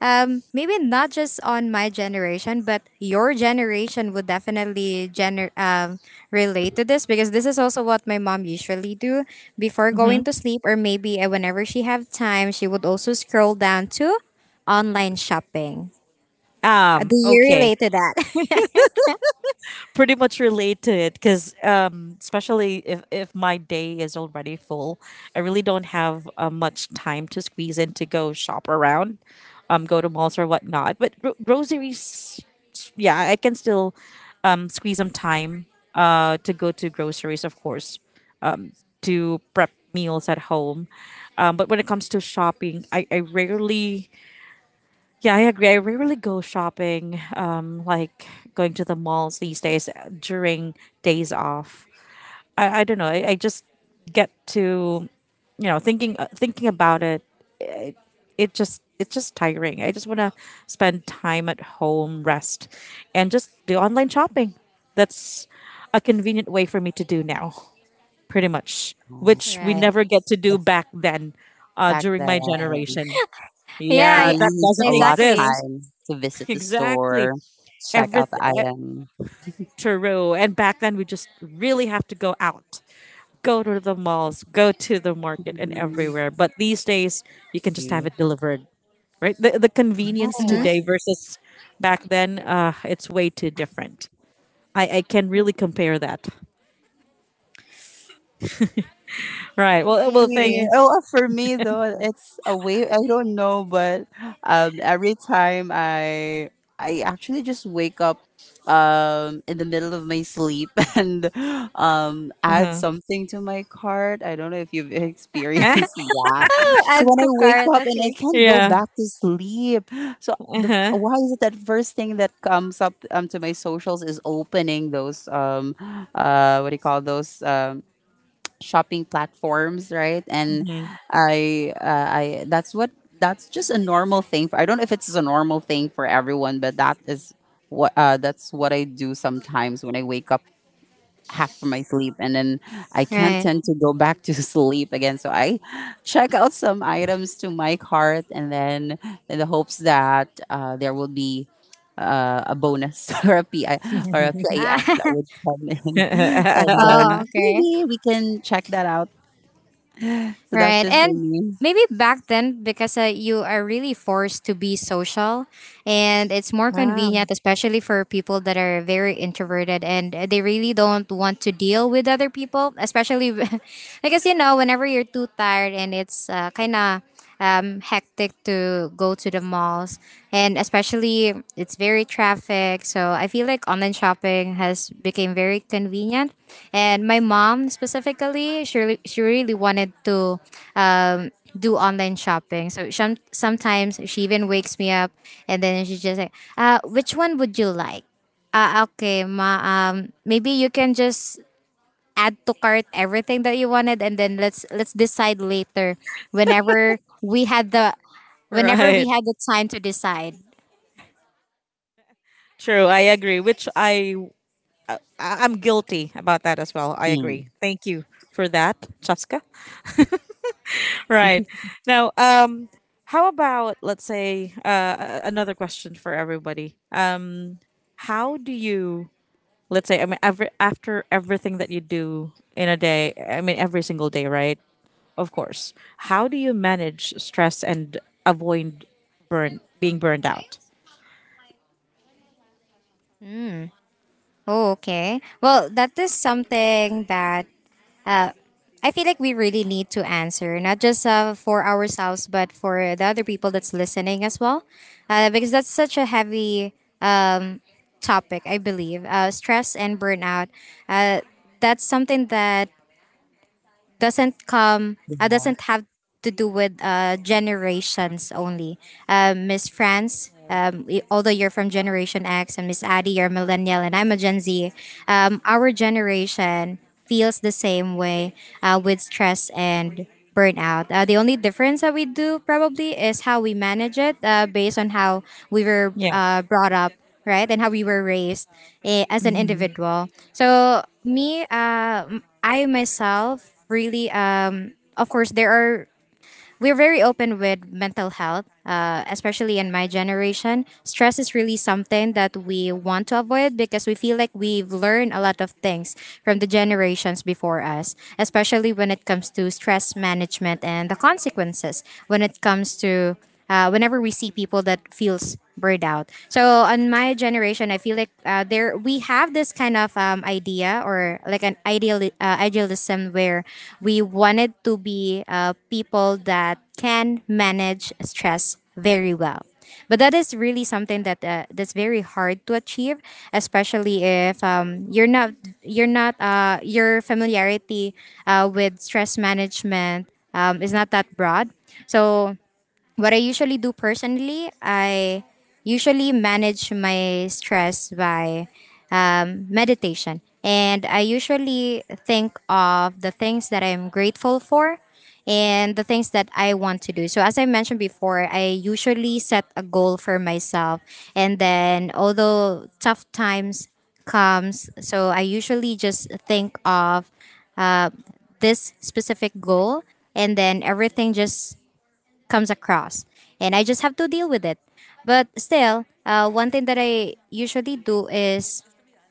Speaker 2: maybe not just on my generation, but your generation would definitely relate to this because this is also what my mom usually do before going
Speaker 1: hmm
Speaker 2: to sleep or maybe whenever she have time, she would also scroll down to online shopping. Do you
Speaker 1: Okay.
Speaker 2: relate to that?
Speaker 1: Pretty much relate to it because especially if my day is already full, I really don't have much time to squeeze in to go shop around, go to malls or whatnot, but groceries, yeah, I can still squeeze some time to go to groceries, of course, to prep meals at home. But when it comes to shopping, I rarely. Yeah, I agree. I rarely go shopping, like going to the malls these days, during days off. I don't know. I just get to, you know, thinking thinking about it. It just it's just tiring. I just want to spend time at home, rest, and just do online shopping. That's a convenient way for me to do now, pretty much,
Speaker 3: Uh,
Speaker 1: which we
Speaker 2: Right.
Speaker 1: never get to do back then,
Speaker 3: back
Speaker 1: during
Speaker 3: then,
Speaker 1: my generation.
Speaker 3: you
Speaker 1: Yeah,
Speaker 2: Yeah,
Speaker 3: really
Speaker 2: I,
Speaker 1: that
Speaker 3: need to
Speaker 1: doesn't
Speaker 3: allot
Speaker 2: exactly.
Speaker 1: exist.
Speaker 3: time to visit the
Speaker 1: Exactly,
Speaker 3: store, check out the
Speaker 1: everything, eh,
Speaker 3: item.
Speaker 1: true. And back then, we just really have to go out, go to the malls, go to the market, and
Speaker 3: Mm-hmm.
Speaker 1: everywhere. But these days, you can just have
Speaker 3: Agree.
Speaker 1: it delivered, right? The convenience
Speaker 2: Mm-hmm.
Speaker 1: today
Speaker 3: Oh,
Speaker 1: versus back then, it's way too different. I can really compare that.
Speaker 3: I
Speaker 1: Right. Well,
Speaker 2: I
Speaker 1: well, thank.
Speaker 2: agree.
Speaker 3: agree. Oh, for me though, it's a way, I don't know, but every time I actually just wake up in the middle of my sleep and add
Speaker 1: Uh.
Speaker 3: something to my cart. I don't know if you've experienced that.
Speaker 2: Oh,
Speaker 3: So
Speaker 2: add
Speaker 3: when I
Speaker 2: to
Speaker 3: wake
Speaker 2: cart.
Speaker 3: up and I
Speaker 2: Okay.
Speaker 3: can't go
Speaker 1: Yeah.
Speaker 3: back to sleep, so the,
Speaker 1: Uh-huh.
Speaker 3: why is it that first thing that comes up, to my socials is opening those what do you call those, um, shopping platforms, right? And
Speaker 1: Mhm.
Speaker 3: I that's what, that's just a normal thing. For, I don't know if it's a normal thing for everyone, but that is what, that's what I do sometimes when I wake up half of my sleep, and then I can't
Speaker 2: Right.
Speaker 3: tend to go back to sleep again. So I check out some items to my cart, and then in the hopes that there will be a bonus or a PI or a
Speaker 2: Ah,
Speaker 3: PAF that would come in. And
Speaker 2: oh,
Speaker 3: then
Speaker 2: okay.
Speaker 3: maybe we can check that out. So that's
Speaker 2: Right.
Speaker 3: just for
Speaker 2: And
Speaker 3: me.
Speaker 2: maybe back then, because you are really forced to be social, and it's more
Speaker 1: Wow.
Speaker 2: convenient, especially for people that are very introverted and they really don't want to deal with other people, especially because, you know, whenever you're too tired and it's kind of hectic to go to the malls, and especially it's very traffic, so I feel like online shopping has become very convenient. And my mom specifically, she really wanted to um, do online shopping, so sometimes she even wakes me up and then she's just like, which one would you like? Okay, ma, maybe you can just add to cart everything that you wanted and then let's decide later whenever we had the whenever we
Speaker 1: Right.
Speaker 2: had the time to decide.
Speaker 1: True. I agree. Which I- I'm guilty about that as well. I agree.
Speaker 3: Hmm.
Speaker 1: Thank you for that, Chaska. Right. Now, how about, let's say, a- another question for everybody. How do you, let's say, I mean, every, after everything that you do in a day, I mean, every single day, right? Of course. How do you manage stress and avoid burn being burned out?
Speaker 2: Oh, okay. Well, that is something that uh, I feel like we really need to answer, not just for ourselves, but for the other people that's listening as well, because that's such a heavy topic. I believe stress and burnout. Uh, that's something that
Speaker 3: Yeah,
Speaker 2: doesn't have to do with generations only. Miss France, although you're from Generation X, and Miss Addie, you're a millennial, and I'm a Gen Z. Our generation feels the same way with stress and burnout. The only difference that we do probably is how we manage it based on how we were
Speaker 1: Yeah.
Speaker 2: brought up, right, and how we were raised as an
Speaker 1: Mm-hmm.
Speaker 2: individual. So I myself really, of course, we're very open with mental health, especially in my generation. Stress is really something that we want to avoid because we feel like we've learned a lot of things from the generations before us, especially when it comes to stress management and the consequences when it comes to whenever we see people that feels burned out. So on my generation, I feel like there we have this kind of idea or like an ideal idealism where we wanted to be people that can manage stress very well. But that is really something that that's very hard to achieve, especially if you're not you're not your familiarity with stress management is not that broad. So what I usually do personally, I usually manage my stress by meditation. And I usually think of the things that I'm grateful for and the things that I want to do. So, as I mentioned before, I usually set a goal for myself. And then, although tough times comes, so I usually just think of uh, this specific goal and then everything just comes across, and I just have to deal with it. But still, one thing that I usually do is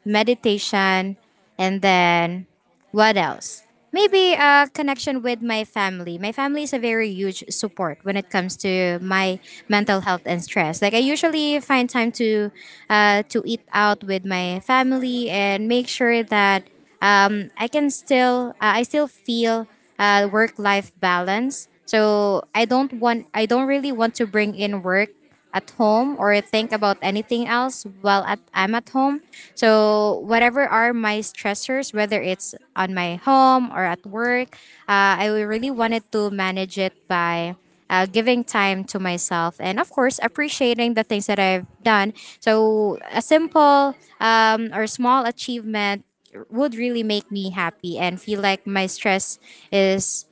Speaker 2: meditation, and then what else? Maybe a connection with my family. My family is a very huge support when it comes to my mental health and stress. Like I usually find time to eat out with my family and make sure that I still feel work life balance. So I don't really want to bring in work at home or think about anything else while I'm at home. So whatever are my stressors, whether it's on my home or at work, I really wanted to manage it by giving time to myself and of course appreciating the things that I've done. So a simple or small achievement would really make me happy and feel like my stress is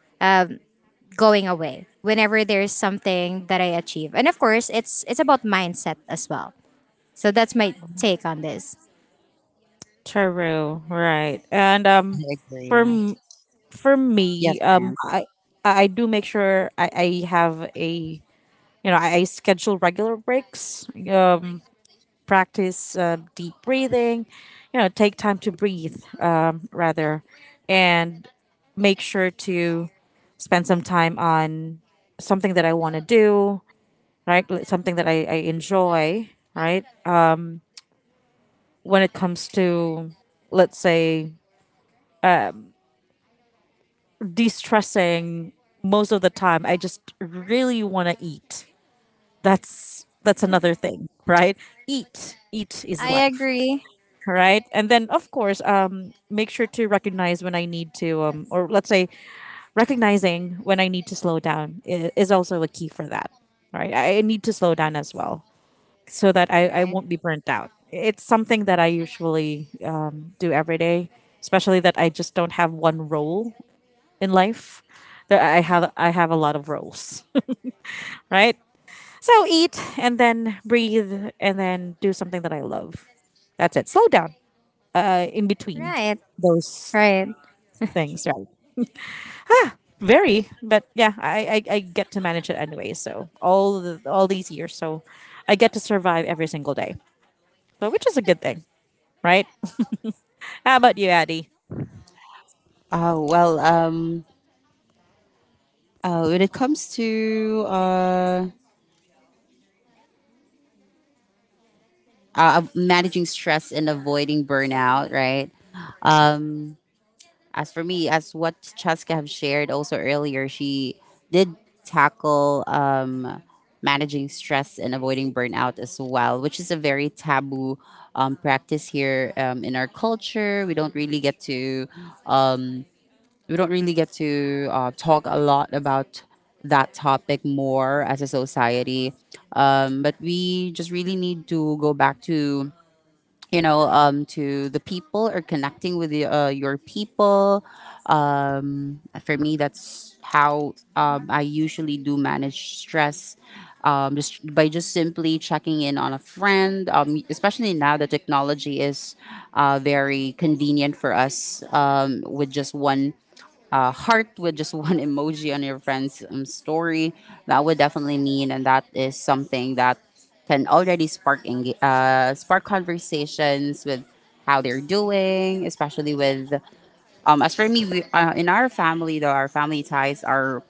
Speaker 2: going away whenever there's something that I achieve. And of course, it's about mindset as well. So that's my take on this.
Speaker 1: True, right. And
Speaker 3: I
Speaker 1: for
Speaker 3: agree.
Speaker 1: m- for
Speaker 3: Yes,
Speaker 1: me,
Speaker 3: fans.
Speaker 1: I I do make sure I have a, you know, I schedule regular breaks, um, practice deep breathing, you know, take time to breathe, um, rather, and make sure to spend some time on something that I want to do, right? Like, something that I enjoy, right? When it comes to, let's say, de-stressing, most of the time I just really want to eat. That's another thing, right? Eat is
Speaker 2: I
Speaker 1: life,
Speaker 2: agree.
Speaker 1: right? And then, of course, um, make sure to recognize when I need to, um, or let's say, recognizing when I need to slow down is also a key for that, right? I need to slow down as well so that I
Speaker 2: Right.
Speaker 1: won't be burnt out. It's something that I usually do every day, especially that I just don't have one role in life. There,
Speaker 2: Mm.
Speaker 1: I have a lot of roles, right? So eat, and then breathe, and then do something that I love. That's it. Slow down in between
Speaker 2: Right.
Speaker 1: those
Speaker 2: Right.
Speaker 1: things, right? Very, but yeah, I get to manage it anyway. So all the, all these years, so I get to survive every single day, so, which is a good thing, right? How about you, Addie?
Speaker 3: Oh well, when it comes to of managing stress and avoiding burnout, right? Um, as for me, as what Cheska have shared also earlier, she did tackle managing stress and avoiding burnout as well, which is a very taboo practice here in our culture. We don't really get to um, talk a lot about that topic more as a society. But we just really need to go back to to the people or connecting with your people. For me, that's how I usually do manage stress. Just by just simply checking in on a friend, especially now that technology is very convenient for us with just one heart, with just one emoji on your friend's story, that would definitely mean, and that is something that can already spark conversations with how they're doing, especially with as for me, we, in our family, though, our family ties are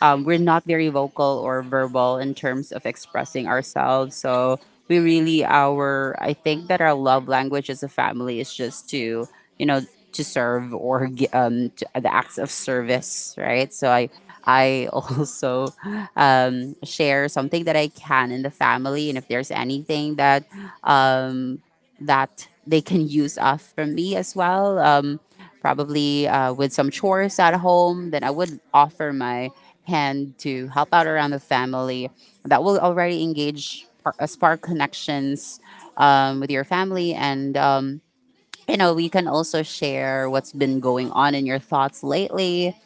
Speaker 3: we're not very vocal or verbal in terms of expressing ourselves. So we really our I think that our love language as a family is just to you know to serve the acts of service, right? So I also share something that I can in the family, and if there's anything that um, that they can use off from me as well. Probably with some chores at home, then I would offer my hand to help out around the family. That will already spark connections with your family and. We can also share what's been going on in your thoughts lately,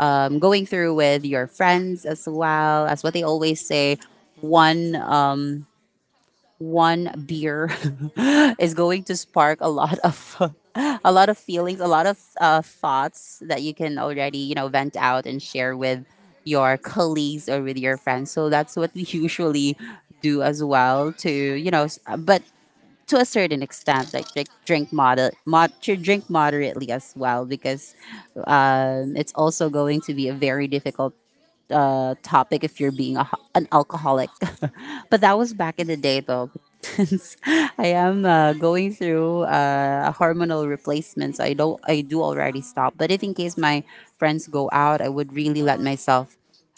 Speaker 3: going through with your friends as well, as what they always say, one um, one beer is going to spark a lot of a lot of feelings, a lot of thoughts that you can already vent out and share with your colleagues or with your friends. So that's what we usually do as well to But to a certain extent, like drink drink moder- mod to drink moderately as well, because it's also going to be a very difficult topic if you're being a, an alcoholic. But that was back in the day, though. Since I am going through a hormonal replacement, so I don't, I do already stop. But if in case my friends go out, I would really let myself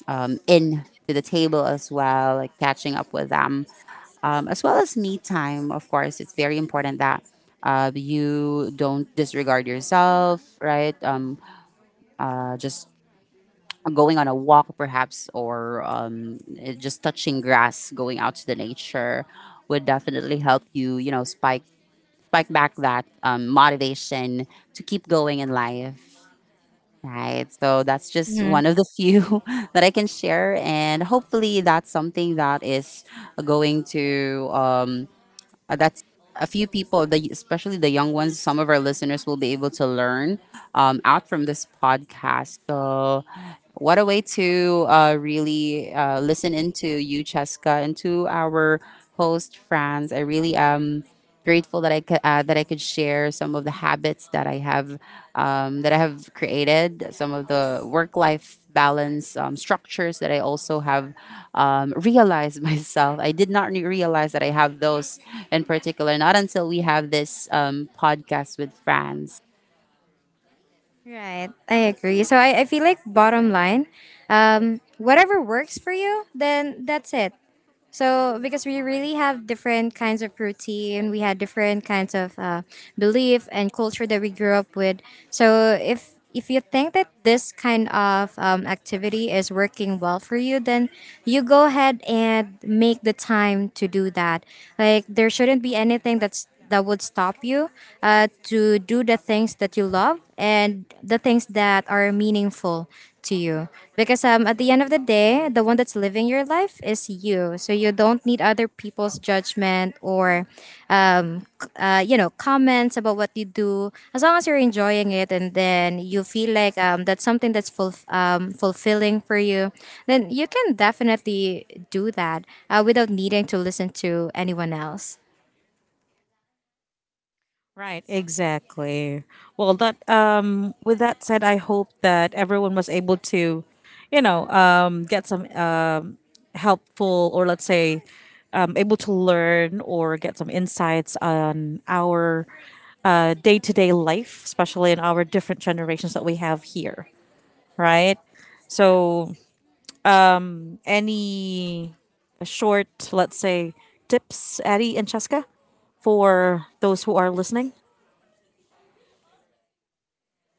Speaker 3: in to the table as well, like catching up with them as well as me time. Of course, it's very important that you don't disregard yourself, right? Just going on a walk, perhaps, or just touching grass, going out to the nature would definitely help you, you know, spike back that motivation to keep going in life. Right. So that's just
Speaker 2: Mhm.
Speaker 3: one of the few that I can share. And hopefully that's something that is going to that's a few people, the, especially the young ones. Some of our listeners will be able to learn out from this podcast. So, what a way to really listen into you, Cheska, and to our host, Franz. I really am grateful that I could share some of the habits that I have created, some of the work life balance structures that I also have realized myself. I did not realize that I have those in particular, not until we have this podcast with Franz.
Speaker 2: Right. I agree. I feel like bottom line, whatever works for you, then that's it. So because we really have different kinds of routine, we had different kinds of belief and culture that we grew up with. So if you think that this kind of activity is working well for you, then you go ahead and make the time to do that. Like there shouldn't be anything that would stop you to do the things that you love and the things that are meaningful to you, because at the end of the day, the one that's living your life is you, so you don't need other people's judgment or you know, comments about what you do as long as you're enjoying it and then you feel like that's something that's fulfilling for you, then you can definitely do that without needing to listen to anyone else.
Speaker 1: Right, exactly. Well, that, um, with that said, I hope that everyone was able to, you know, um, get some uh, helpful, or let's say, um, able to learn or get some insights on our day-to-day life, especially in our different generations that we have here, right? So, um any short, let's say, tips, Addie and Cheska, for those who are listening?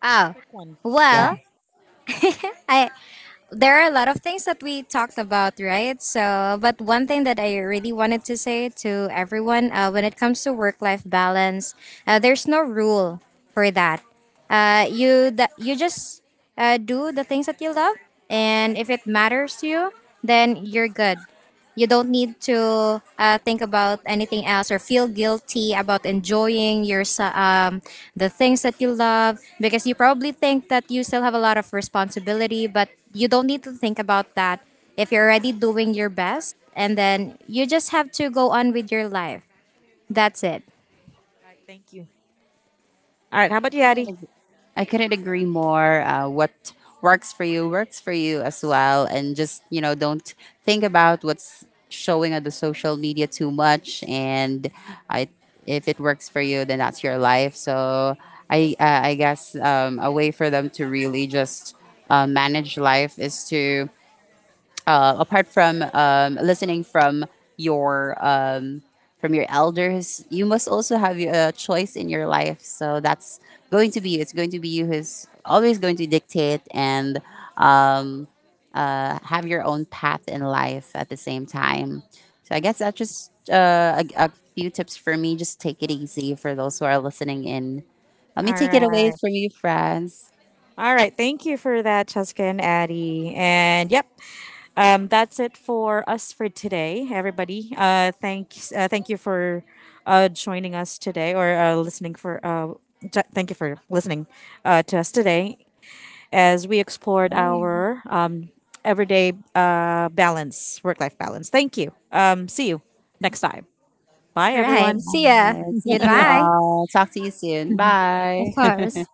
Speaker 2: Oh,
Speaker 1: Quick one.
Speaker 3: Yeah.
Speaker 2: well, I there are a lot of things that we talked about, right? So, but one thing that I really wanted to say to everyone when it comes to work-life balance, there's no rule for that. You just do the things that you love, and if it matters to you, then you're good. You don't need to think about anything else or feel guilty about enjoying the things that you love, because you probably think that you still have a lot of responsibility, but you don't need to think about that if you're already doing your best, and then you just have to go on with your life. That's it.
Speaker 1: Right, thank you. All right. How
Speaker 3: I
Speaker 1: about you,
Speaker 3: couldn't
Speaker 1: Addie?
Speaker 3: agree, I couldn't agree more. What works for you as well, and just you know, don't think about what's showing on the social media too much. And I, if it works for you, then that's your life. So I guess a way for them to really just manage life is to apart from listening your um, from your elders, you must also have a choice in your life. So that's going to be you. It's going to be you who's always going to dictate and um, have your own path in life at the same time. So I guess that's just a few tips for me. Just take it easy for those who are listening in. Let me
Speaker 1: All
Speaker 3: take it away
Speaker 1: right.
Speaker 3: from you, friends.
Speaker 1: All right. Thank you for that, Cheska and Addie. And yep, that's it for us for today, everybody. Thanks. Thank you for joining us today, or listening for. Thank you for listening to us today as we explored
Speaker 3: All
Speaker 1: our everyday balance, work life balance. Thank you. See you next time. Bye,
Speaker 2: Right.
Speaker 1: everyone.
Speaker 2: See ya.
Speaker 3: right. See you
Speaker 2: Goodbye.
Speaker 3: all. Talk to you soon.
Speaker 2: Of
Speaker 3: Bye.
Speaker 2: course.